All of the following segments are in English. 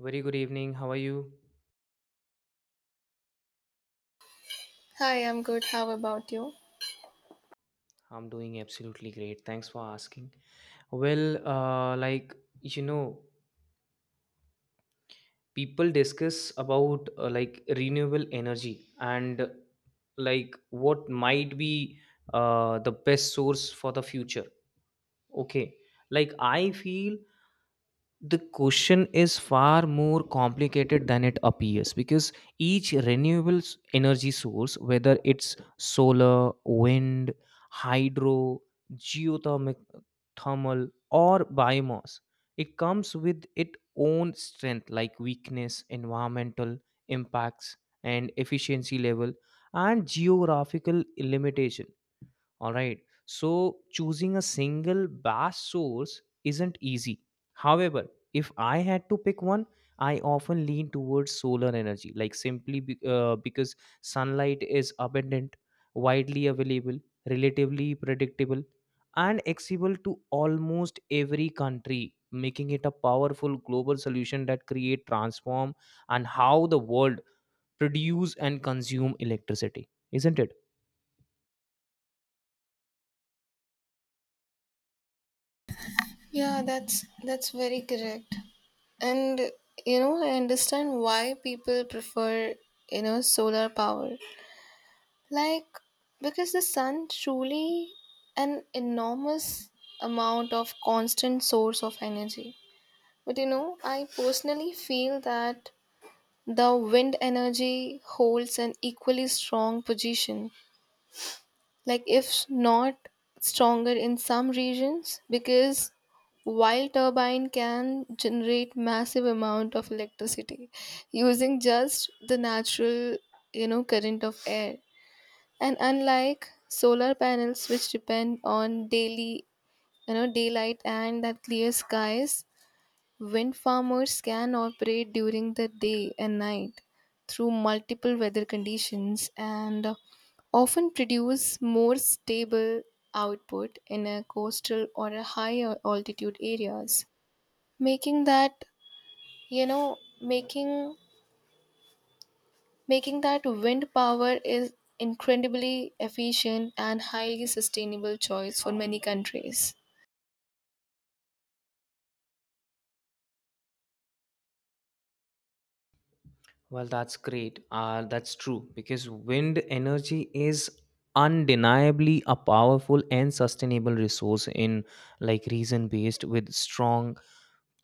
Very good evening. How are you? Hi, I'm good. How about you? I'm doing absolutely great. Thanks for asking. Well, you know, people discuss about like renewable energy and like what might be the best source for the future. Okay, like I feel the question is far more complicated than it appears because each renewable energy source, whether it's solar, wind, hydro, geothermal, thermal or biomass, it comes with its own strength, like weakness, environmental impacts, and efficiency level, and geographical limitation, all right. So choosing a single bass source isn't easy. However, if I had to pick one, I often lean towards solar energy, like simply because sunlight is abundant, widely available, relatively predictable, and accessible to almost every country, making it a powerful global solution that create transform and how the world produce and consume electricity, isn't it? Yeah, that's very correct. And you know, I understand why people prefer, you know, solar power. Like because the sun truly an enormous amount of constant source of energy. But you know, I personally feel that the wind energy holds an equally strong position, like if not stronger in some regions, because wind turbine can generate massive amount of electricity using just the natural, you know, current of air. And unlike solar panels, which depend on daily, you know, daylight and that clear skies, wind farmers can operate during the day and night through multiple weather conditions and often produce more stable output in a coastal or a higher altitude areas, making that, you know making making that wind power is incredibly efficient and highly sustainable choice for many countries. Well, that's great. That's true because wind energy is undeniably a powerful and sustainable resource in like region based with strong,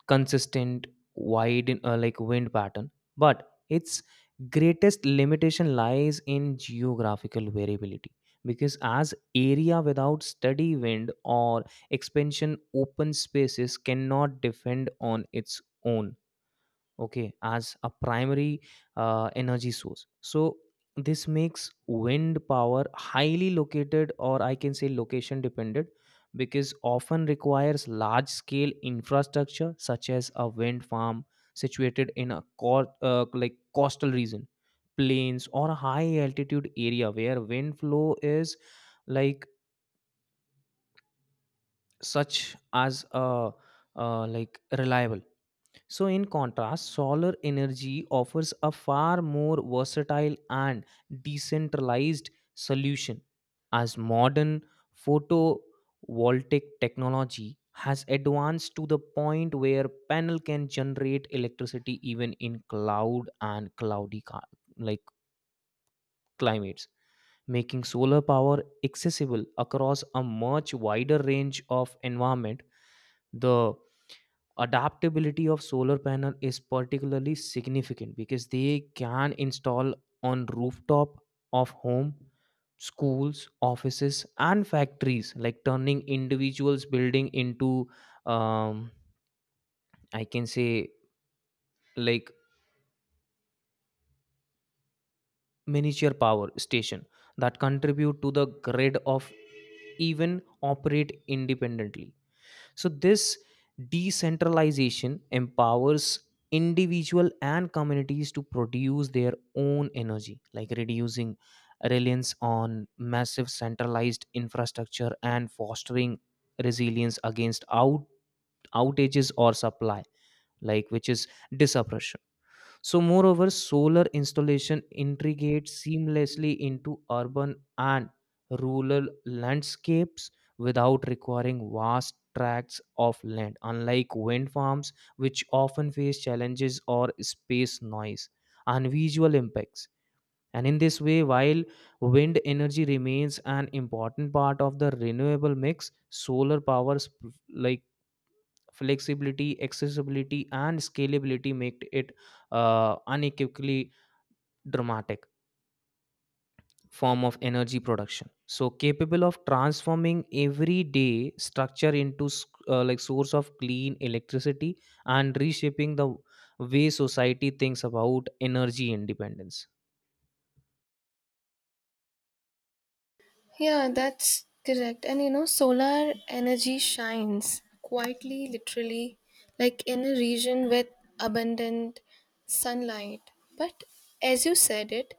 consistent, wide wind pattern. But its greatest limitation lies in geographical variability because as area without steady wind or expansion open spaces cannot defend on its own, okay, as a primary energy source. So this makes wind power highly located, or I can say location dependent, because often requires large scale infrastructure such as a wind farm situated in a like coastal region, plains or a high altitude area where wind flow is like, such as a like reliable. So, in contrast, solar energy offers a far more versatile and decentralized solution, as modern photovoltaic technology has advanced to the point where panel can generate electricity even in cloud and cloudy like climates, making solar power accessible across a much wider range of environment, the adaptability of solar panel is particularly significant because they can install on rooftop of home, schools, offices and factories, like turning individuals building into um, I can say like miniature power station that contribute to the grid of even operate independently. So, this decentralization empowers individual and communities to produce their own energy, like reducing reliance on massive centralized infrastructure and fostering resilience against outages or supply, like which is disruption. So, moreover, solar installation integrates seamlessly into urban and rural landscapes without requiring vast tracts of land, unlike wind farms, which often face challenges or space, noise and visual impacts. And in this way, while wind energy remains an important part of the renewable mix, solar power like flexibility, accessibility, and scalability make it unequivocally dramatic form of energy production. So capable of transforming everyday structure into like source of clean electricity and reshaping the way society thinks about energy independence. Yeah, that's correct. And you know, solar energy shines quietly, literally, like in a region with abundant sunlight. But as you said it,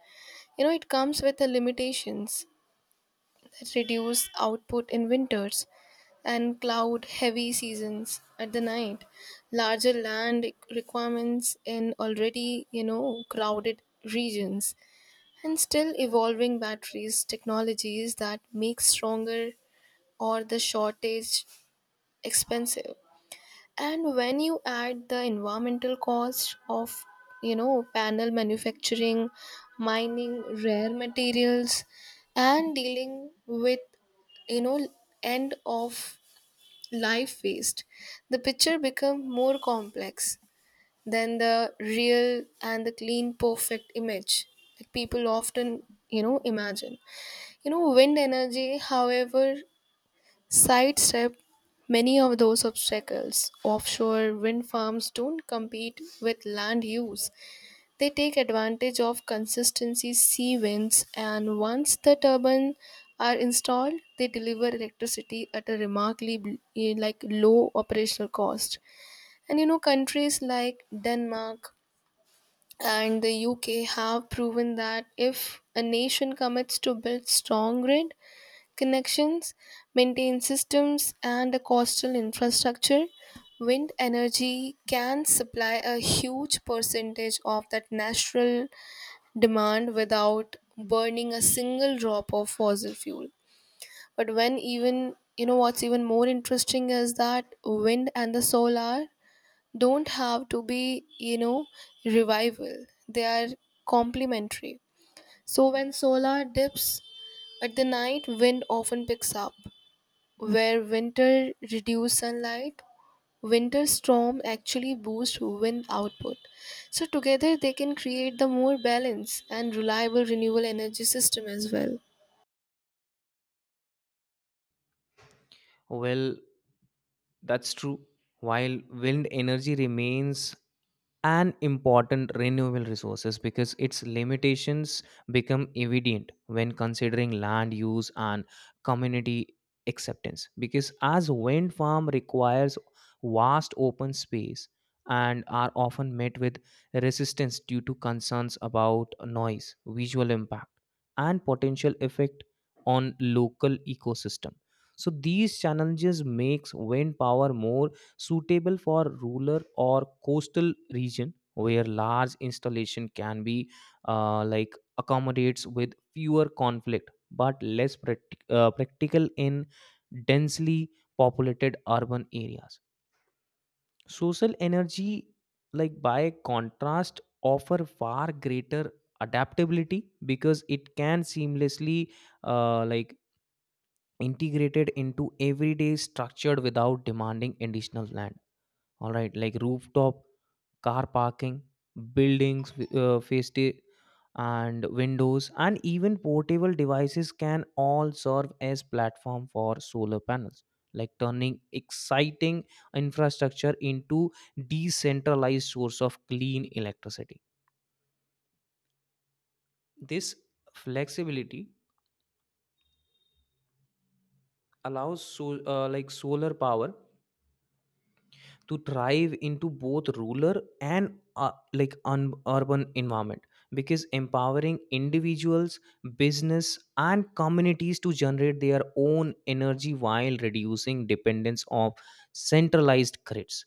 you know, it comes with the limitations that reduce output in winters and cloud heavy seasons at the night, larger land requirements in already, you know, crowded regions, and still evolving batteries technologies that make stronger or the shortage expensive. And when you add the environmental cost of, panel manufacturing, mining rare materials, and dealing with, you know end of life waste, the picture becomes more complex than the real and the clean perfect image that people often, imagine. You know, wind energy, however, sidestep many of those obstacles. Offshore wind farms don't compete with land use. They take advantage of consistency sea winds, and once the turbines are installed, they deliver electricity at a remarkably like low operational cost. And you know, countries like Denmark and the UK have proven that if a nation commits to build strong grid, connections, maintain systems, and a coastal infrastructure, wind energy can supply a huge percentage of that natural demand without burning a single drop of fossil fuel. But when even, you know, what's even more interesting is that wind and the solar don't have to be, you know, revival. They are complementary. So when solar dips at the night, wind often picks up. Where winter reduced sunlight, winter storm actually boost wind output. So together they can create the more balanced and reliable renewable energy system as well. Well, that's true. While wind energy remains an important renewable resources, because its limitations become evident when considering land use and community acceptance, because as wind farm requires vast open space and are often met with resistance due to concerns about noise, visual impact and potential effect on local ecosystem. So these challenges makes wind power more suitable for rural or coastal region where large installation can be like accommodates with fewer conflict, but less practical in densely populated urban areas. Social energy, like by contrast, offer far greater adaptability because it can seamlessly like integrated into everyday structured without demanding additional land, all right, like rooftop, car parking, buildings, face and windows, and even portable devices can all serve as platform for solar panels, like turning exciting infrastructure into decentralized source of clean electricity. This flexibility allows like solar power to thrive into both rural and urban environment, because empowering individuals, business and communities to generate their own energy while reducing dependence of centralized grids.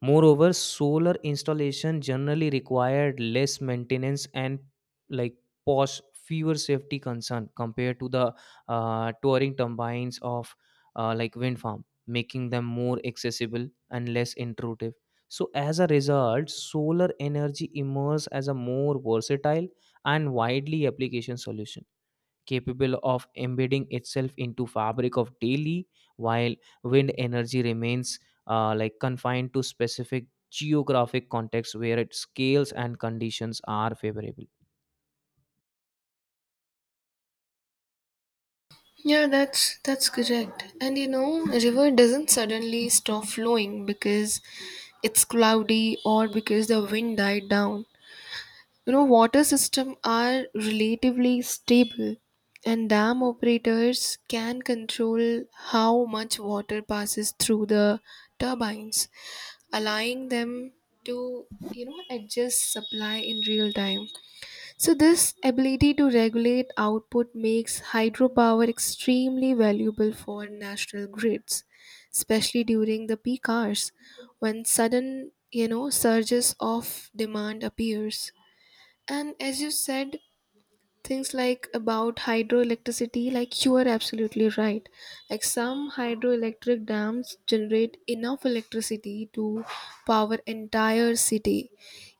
Moreover, solar installation generally required less maintenance and like pos fewer safety concern compared to the touring turbines of like wind farm, making them more accessible and less intrusive. So as a result, solar energy emerges as a more versatile and widely application solution capable of embedding itself into fabric of daily, while wind energy remains like confined to specific geographic contexts where its scales and conditions are favorable. Yeah, that's correct. And you know, a river doesn't suddenly stop flowing because it's cloudy or because the wind died down. You know, water systems are relatively stable, and dam operators can control how much water passes through the turbines, allowing them to, you know, adjust supply in real time. So, this ability to regulate output makes hydropower extremely valuable for national grids, especially during the peak hours when sudden, you know, surges of demand appears. And as you said, things like about hydroelectricity, like you are absolutely right. Like some hydroelectric dams generate enough electricity to power entire city,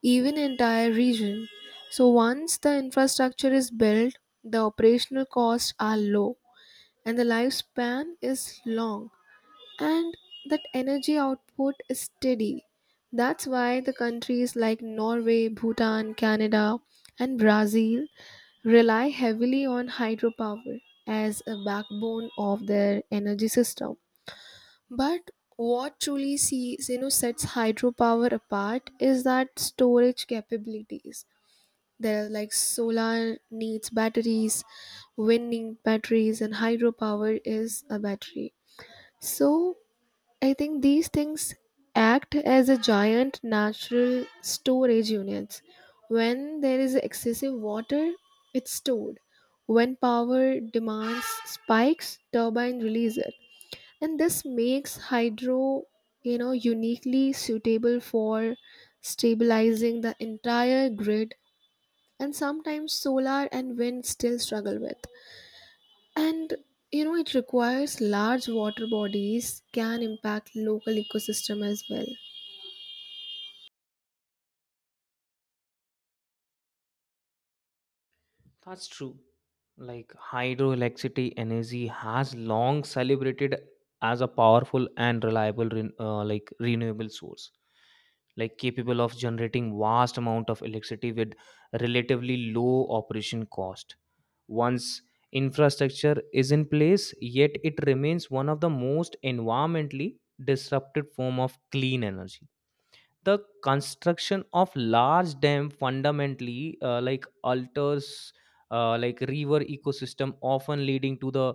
even entire region. So once the infrastructure is built, the operational costs are low, and the lifespan is long, and that energy output is steady. That's why the countries like Norway, Bhutan, Canada, and Brazil rely heavily on hydropower as a backbone of their energy system. But what truly sees, you know, sets hydropower apart is that storage capabilities. There are, like, solar needs batteries, wind needs batteries, and hydropower is a battery. So I think these things act as a giant natural storage units. When there is excessive water, it's stored. When power demands spikes, turbine release it. And this makes hydro, you know, uniquely suitable for stabilizing the entire grid, and sometimes solar and wind still struggle with. And you know, it requires large water bodies can impact local ecosystem as well. That's true. Like hydroelectricity energy has long celebrated as a powerful and reliable like renewable source, like capable of generating vast amount of electricity with relatively low operation cost. Once infrastructure is in place, yet it remains one of the most environmentally disrupted form of clean energy. The construction of large dam fundamentally alters like river ecosystem, often leading to the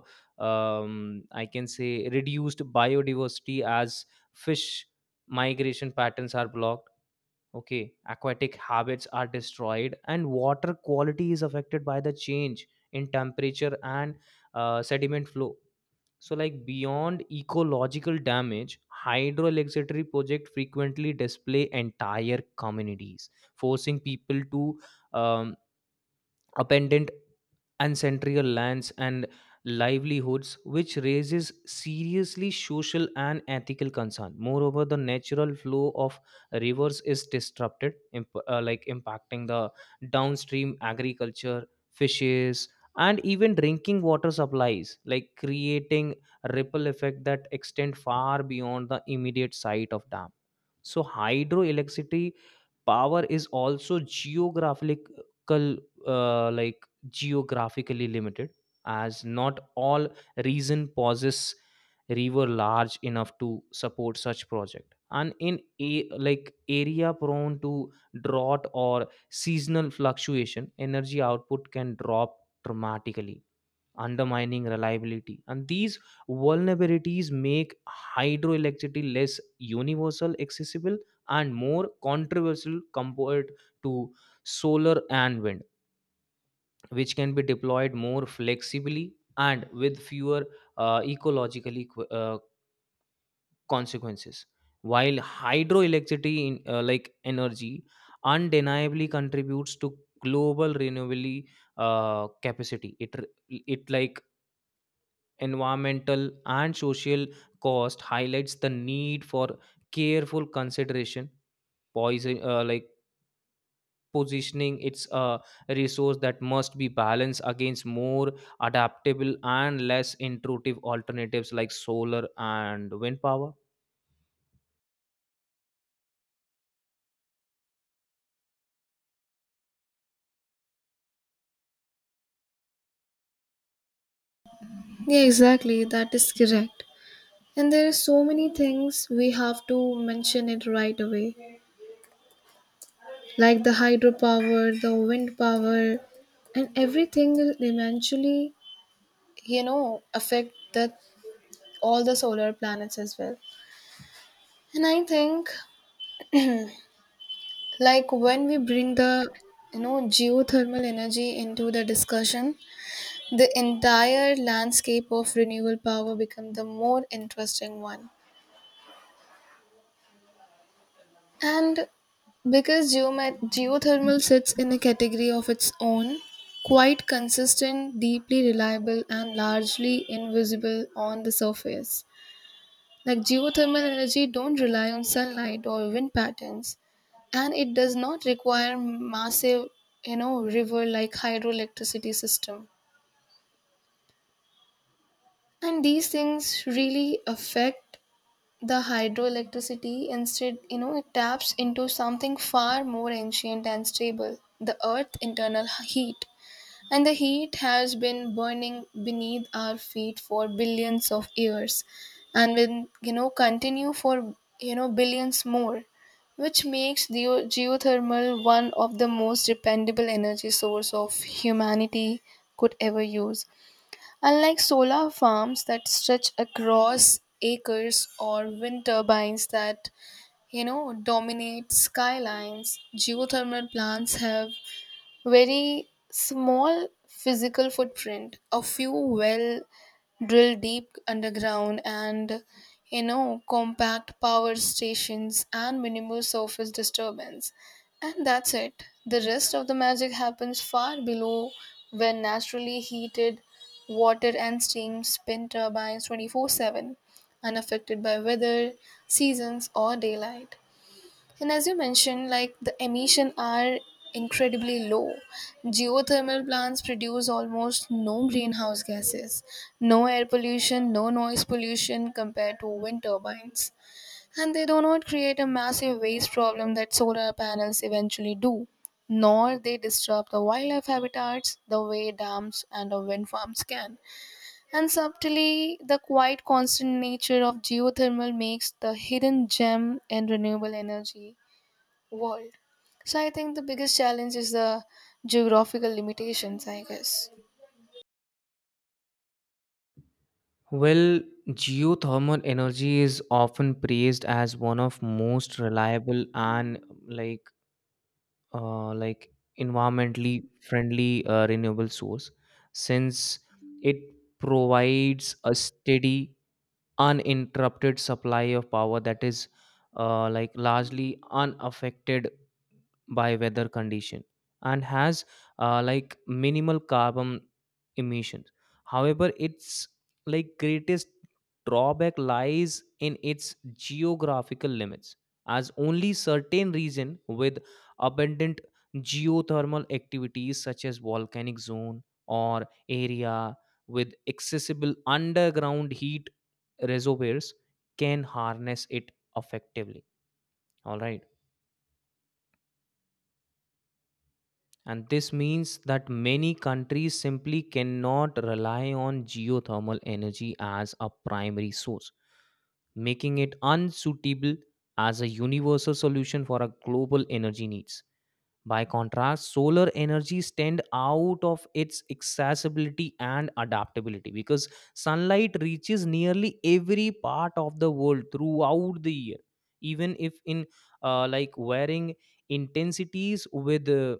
I can say reduced biodiversity as fish migration patterns are blocked, okay, aquatic habits are destroyed and water quality is affected by the change in temperature and sediment flow. So, like beyond ecological damage, hydroelectricity projects frequently display entire communities, forcing people to um, abandon and central lands and livelihoods, which raises seriously social and ethical concern. Moreover, the natural flow of rivers is disrupted, like impacting the downstream agriculture, fishes, and even drinking water supplies, like creating ripple effect that extend far beyond the immediate site of dam. So hydroelectricity power is also geographically limited, as not all region possess river large enough to support such project, and in a like area prone to drought or seasonal fluctuation, energy output can drop dramatically, undermining reliability. And these vulnerabilities make hydroelectricity less universal accessible and more controversial compared to solar and wind, which can be deployed more flexibly and with fewer ecological consequences. While hydroelectricity, like energy, undeniably contributes to global renewable capacity, it like environmental and social cost highlights the need for careful consideration, poison like positioning its a resource that must be balanced against more adaptable and less intrusive alternatives like solar and wind power. Yeah, exactly. That is correct. And there are so many things we have to mention it right away, like the hydropower, the wind power, and everything will eventually, you know, affect the all the solar planets as well. And I think, like when we bring the, you know, geothermal energy into the discussion, the entire landscape of renewable power become the more interesting one. And because geothermal sits in a category of its own, quite consistent, deeply reliable, and largely invisible on the surface. Like geothermal energy don't rely on sunlight or wind patterns, and it does not require massive, you know, river like hydroelectricity system. And these things really affect the hydroelectricity. Instead, you know, it taps into something far more ancient and stable, the earth internal heat. And the heat has been burning beneath our feet for billions of years and will, you know, continue for, billions more, which makes the geothermal one of the most dependable energy source of humanity could ever use. Unlike solar farms that stretch across acres or wind turbines that, you know, dominate skylines, geothermal plants have very small physical footprint, a few well drilled deep underground, and, you know, compact power stations and minimal surface disturbance. And that's it. The rest of the magic happens far below, where naturally heated water and steam spin turbines 24/7, unaffected by weather, seasons, or daylight. And as you mentioned, like the emission are incredibly low. Geothermal plants produce almost no greenhouse gases, no air pollution, no noise pollution compared to wind turbines. And they do not create a massive waste problem that solar panels eventually do, nor they disrupt the wildlife habitats the way dams and the wind farms can. And subtly, the quite constant nature of geothermal makes the hidden gem in renewable energy world. So I think the biggest challenge is the geographical limitations, I guess. Well, geothermal energy is often praised as one of most reliable and like uh, like environmentally friendly renewable source, since it provides a steady, uninterrupted supply of power that is like largely unaffected by weather condition and has like minimal carbon emissions. However, its like greatest drawback lies in its geographical limits, as only certain region with abundant geothermal activities such as volcanic zone or area with accessible underground heat reservoirs can harness it effectively, all right. And this means that many countries simply cannot rely on geothermal energy as a primary source, making it unsuitable as a universal solution for our global energy needs. By contrast, solar energy stand out of its accessibility and adaptability because sunlight reaches nearly every part of the world throughout the year, even if in like varying intensities. With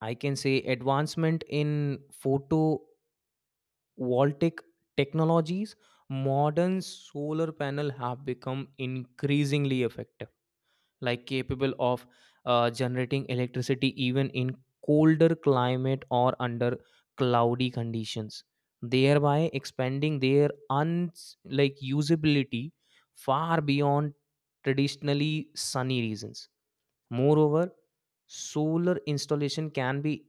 I can say advancement in photovoltaic technologies, modern solar panel have become increasingly effective, like capable of generating electricity even in colder climate or under cloudy conditions, thereby expanding their un like usability far beyond traditionally sunny regions. Moreover, solar installation can be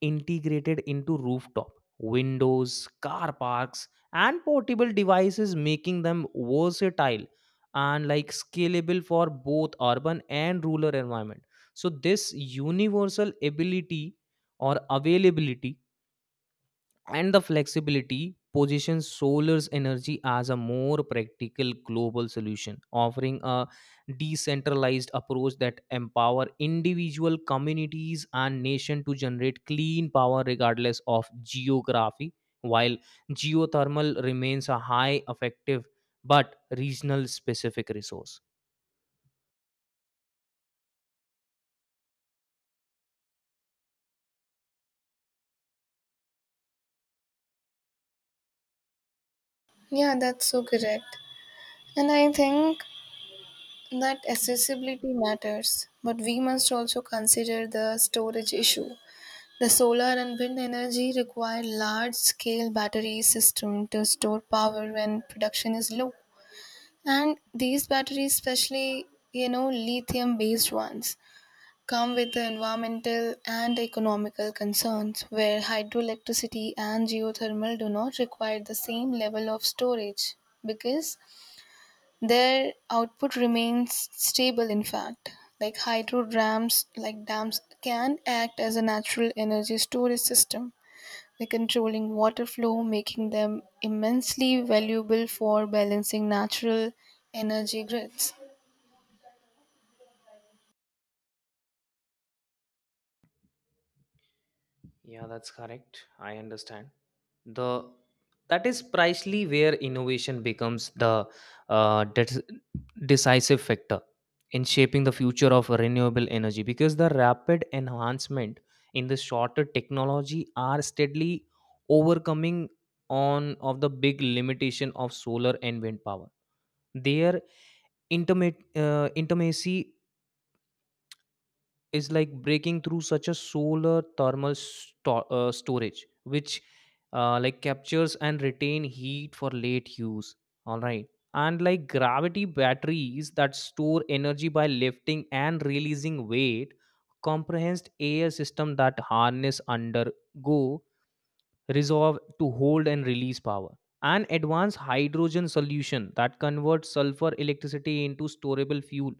integrated into rooftop, windows, car parks, and portable devices, making them versatile and like scalable for both urban and rural environment. So this universal ability or availability and the flexibility positions solar's energy as a more practical global solution, offering a decentralized approach that empower individual communities and nation to generate clean power regardless of geography, while geothermal remains a high effective but regional specific resource. Yeah, that's so correct. And I think that accessibility matters, but we must also consider the storage issue. The solar and wind energy require large scale battery system to store power when production is low. And these batteries, especially, you know, lithium based ones, come with the environmental and economical concerns, where hydroelectricity and geothermal do not require the same level of storage because their output remains stable. In fact, like hydro dams, like dams can act as a natural energy storage system, like controlling water flow, making them immensely valuable for balancing natural energy grids. Yeah, that's correct. I understand. The that is precisely where innovation becomes the uh, de- decisive factor in shaping the future of renewable energy, because the rapid enhancement in the shorter technology are steadily overcoming on of the big limitation of solar and wind power. Their intimacy is like breaking through, such a solar thermal storage, which like captures and retain heat for late use, all right, and like gravity batteries that store energy by lifting and releasing weight, comprehensive air system that harness undergo resolve to hold and release power, and advanced hydrogen solution that converts sulfur electricity into storable fuel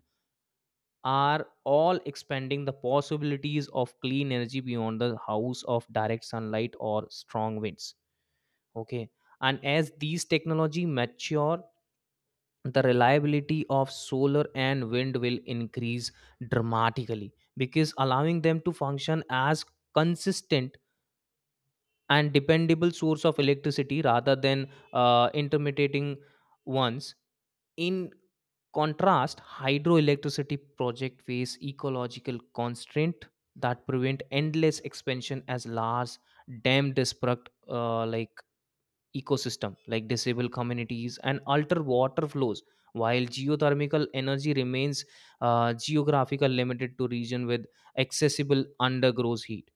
are all expanding the possibilities of clean energy beyond the house of direct sunlight or strong winds, okay. And as these technology mature, the reliability of solar and wind will increase dramatically, because allowing them to function as consistent and dependable source of electricity rather than intermittent ones. In contrast, hydroelectricity project face ecological constraint that prevent endless expansion, as large dam destruct ecosystem, like disabled communities and alter water flows, while geothermal energy remains geographical limited to region with accessible undergrowth heat.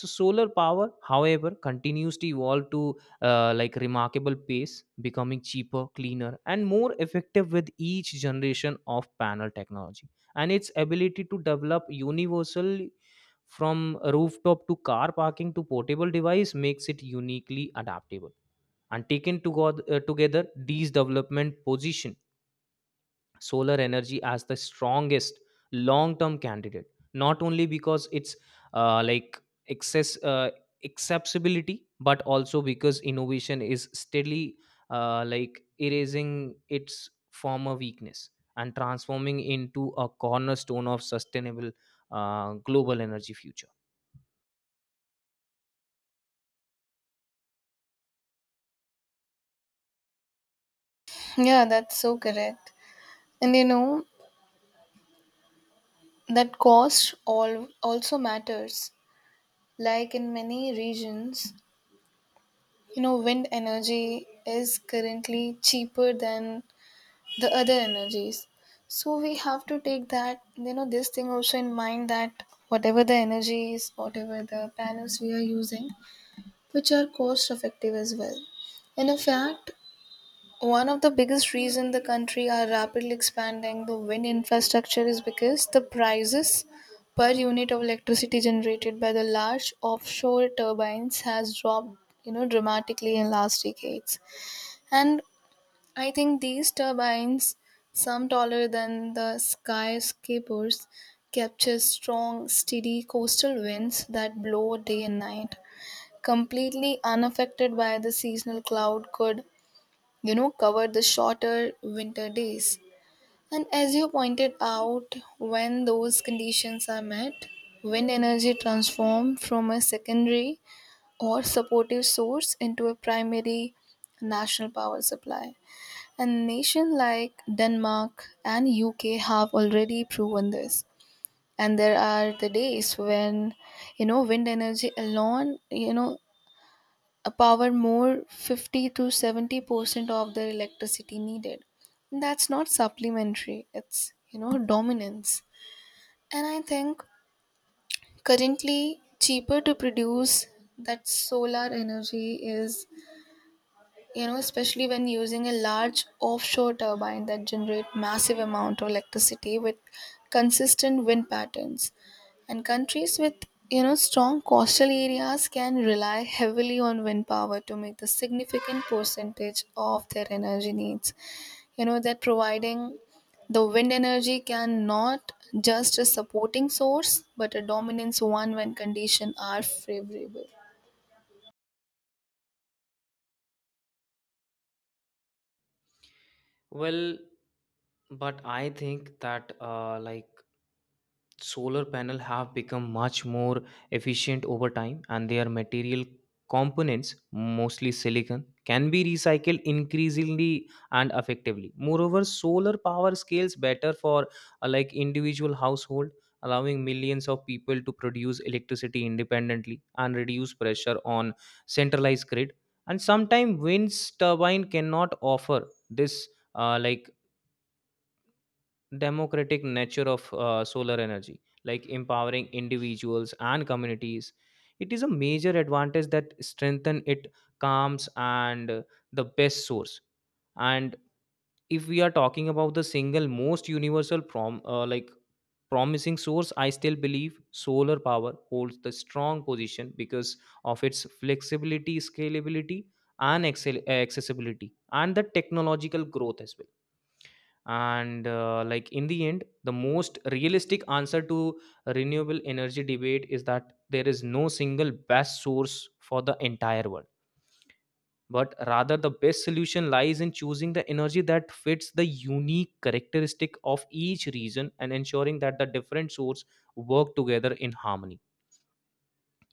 So solar power, however, continues to evolve to like remarkable pace, becoming cheaper, cleaner and more effective with each generation of panel technology, and its ability to develop universally from rooftop to car parking to portable device makes it uniquely adaptable. And together, these development position solar energy as the strongest long term candidate, not only because it's like excess acceptability, but also because innovation is steadily like erasing its former weakness and transforming into a cornerstone of sustainable global energy future. Yeah, that's so correct. And you know, that cost all also matters, like in many regions, you know, wind energy is currently cheaper than the other energies. So we have to take that, you know, this thing also in mind, that whatever the energy is, whatever the panels we are using, which are cost effective as well. And in fact, one of the biggest reason the country are rapidly expanding the wind infrastructure is because the prices per unit of electricity generated by the large offshore turbines has dropped, you know, dramatically in last decades. And I think these turbines, some taller than the skyscrapers, capture strong, steady coastal winds that blow day and night, completely unaffected by the seasonal cloud could, you know, cover the shorter winter days. And as you pointed out, when those conditions are met, wind energy transforms from a secondary or supportive source into a primary national power supply. And nations like Denmark and UK have already proven this. And there are the days when, you know, wind energy alone, you know, a power more 50 to 70% of the electricity needed. That's not supplementary, it's, you know, dominance. And I think currently cheaper to produce that solar energy is, you know, especially when using a large offshore turbine that generate massive amount of electricity with consistent wind patterns. And countries with, you know, strong coastal areas can rely heavily on wind power to make the significant percentage of their energy needs, you know, that providing the wind energy can not just a supporting source but a dominance one when conditions are favorable. Well, but I think that solar panel have become much more efficient over time, and their material components, mostly silicon, can be recycled increasingly and effectively. Moreover, solar power scales better for like individual household, allowing millions of people to produce electricity independently and reduce pressure on centralized grid, and sometimes wind turbine cannot offer this like democratic nature of solar energy, like empowering individuals and communities. It is a major advantage that strengthen it calms and the best source. And if we are talking about the single most universal promising source, I still believe solar power holds the strong position because of its flexibility, scalability, and accessibility, and the technological growth as well. And in the end, the most realistic answer to renewable energy debate is that there is no single best source for the entire world, but rather the best solution lies in choosing the energy that fits the unique characteristic of each region and ensuring that the different sources work together in harmony.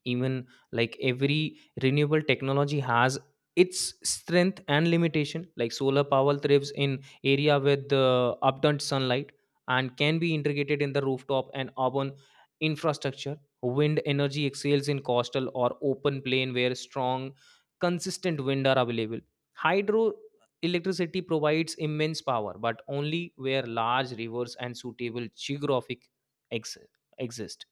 Even like every renewable technology has its strength and limitation. Like solar power thrives in area with abundant sunlight and can be integrated in the rooftop and urban infrastructure, wind energy excels in coastal or open plain where strong consistent wind are available, hydro electricity provides immense power but only where large rivers and suitable geographic ex- exist,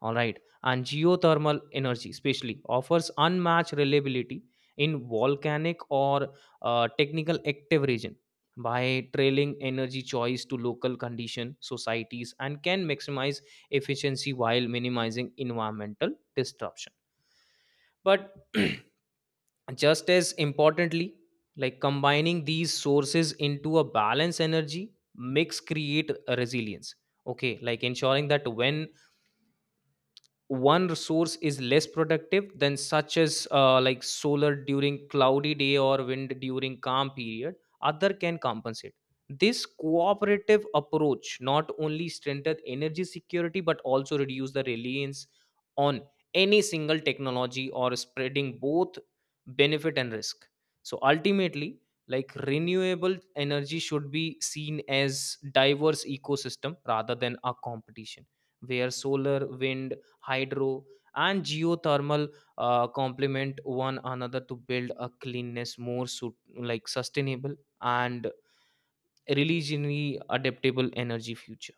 all right, and geothermal energy especially offers unmatched reliability in volcanic or technical active region. By trailing energy choice to local condition, societies and can maximize efficiency while minimizing environmental disruption. But just as importantly, like combining these sources into a balanced energy mix create a resilience, okay, like ensuring that when one resource is less productive than, such as like solar during cloudy day or wind during calm period, other can compensate. This cooperative approach not only strengthened energy security, but also reduce the reliance on any single technology or spreading both benefit and risk. So ultimately, like renewable energy should be seen as diverse ecosystem rather than a competition, where solar, wind, hydro, and geothermal complement one another to build a cleanness more suit, like sustainable and religiously adaptable energy future.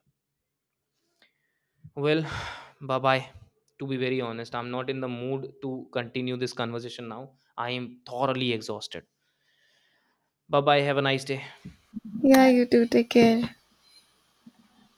Well, bye bye. To be very honest, I'm not in the mood to continue this conversation now. I am thoroughly exhausted. Bye bye, have a nice day. Yeah, you too, take care.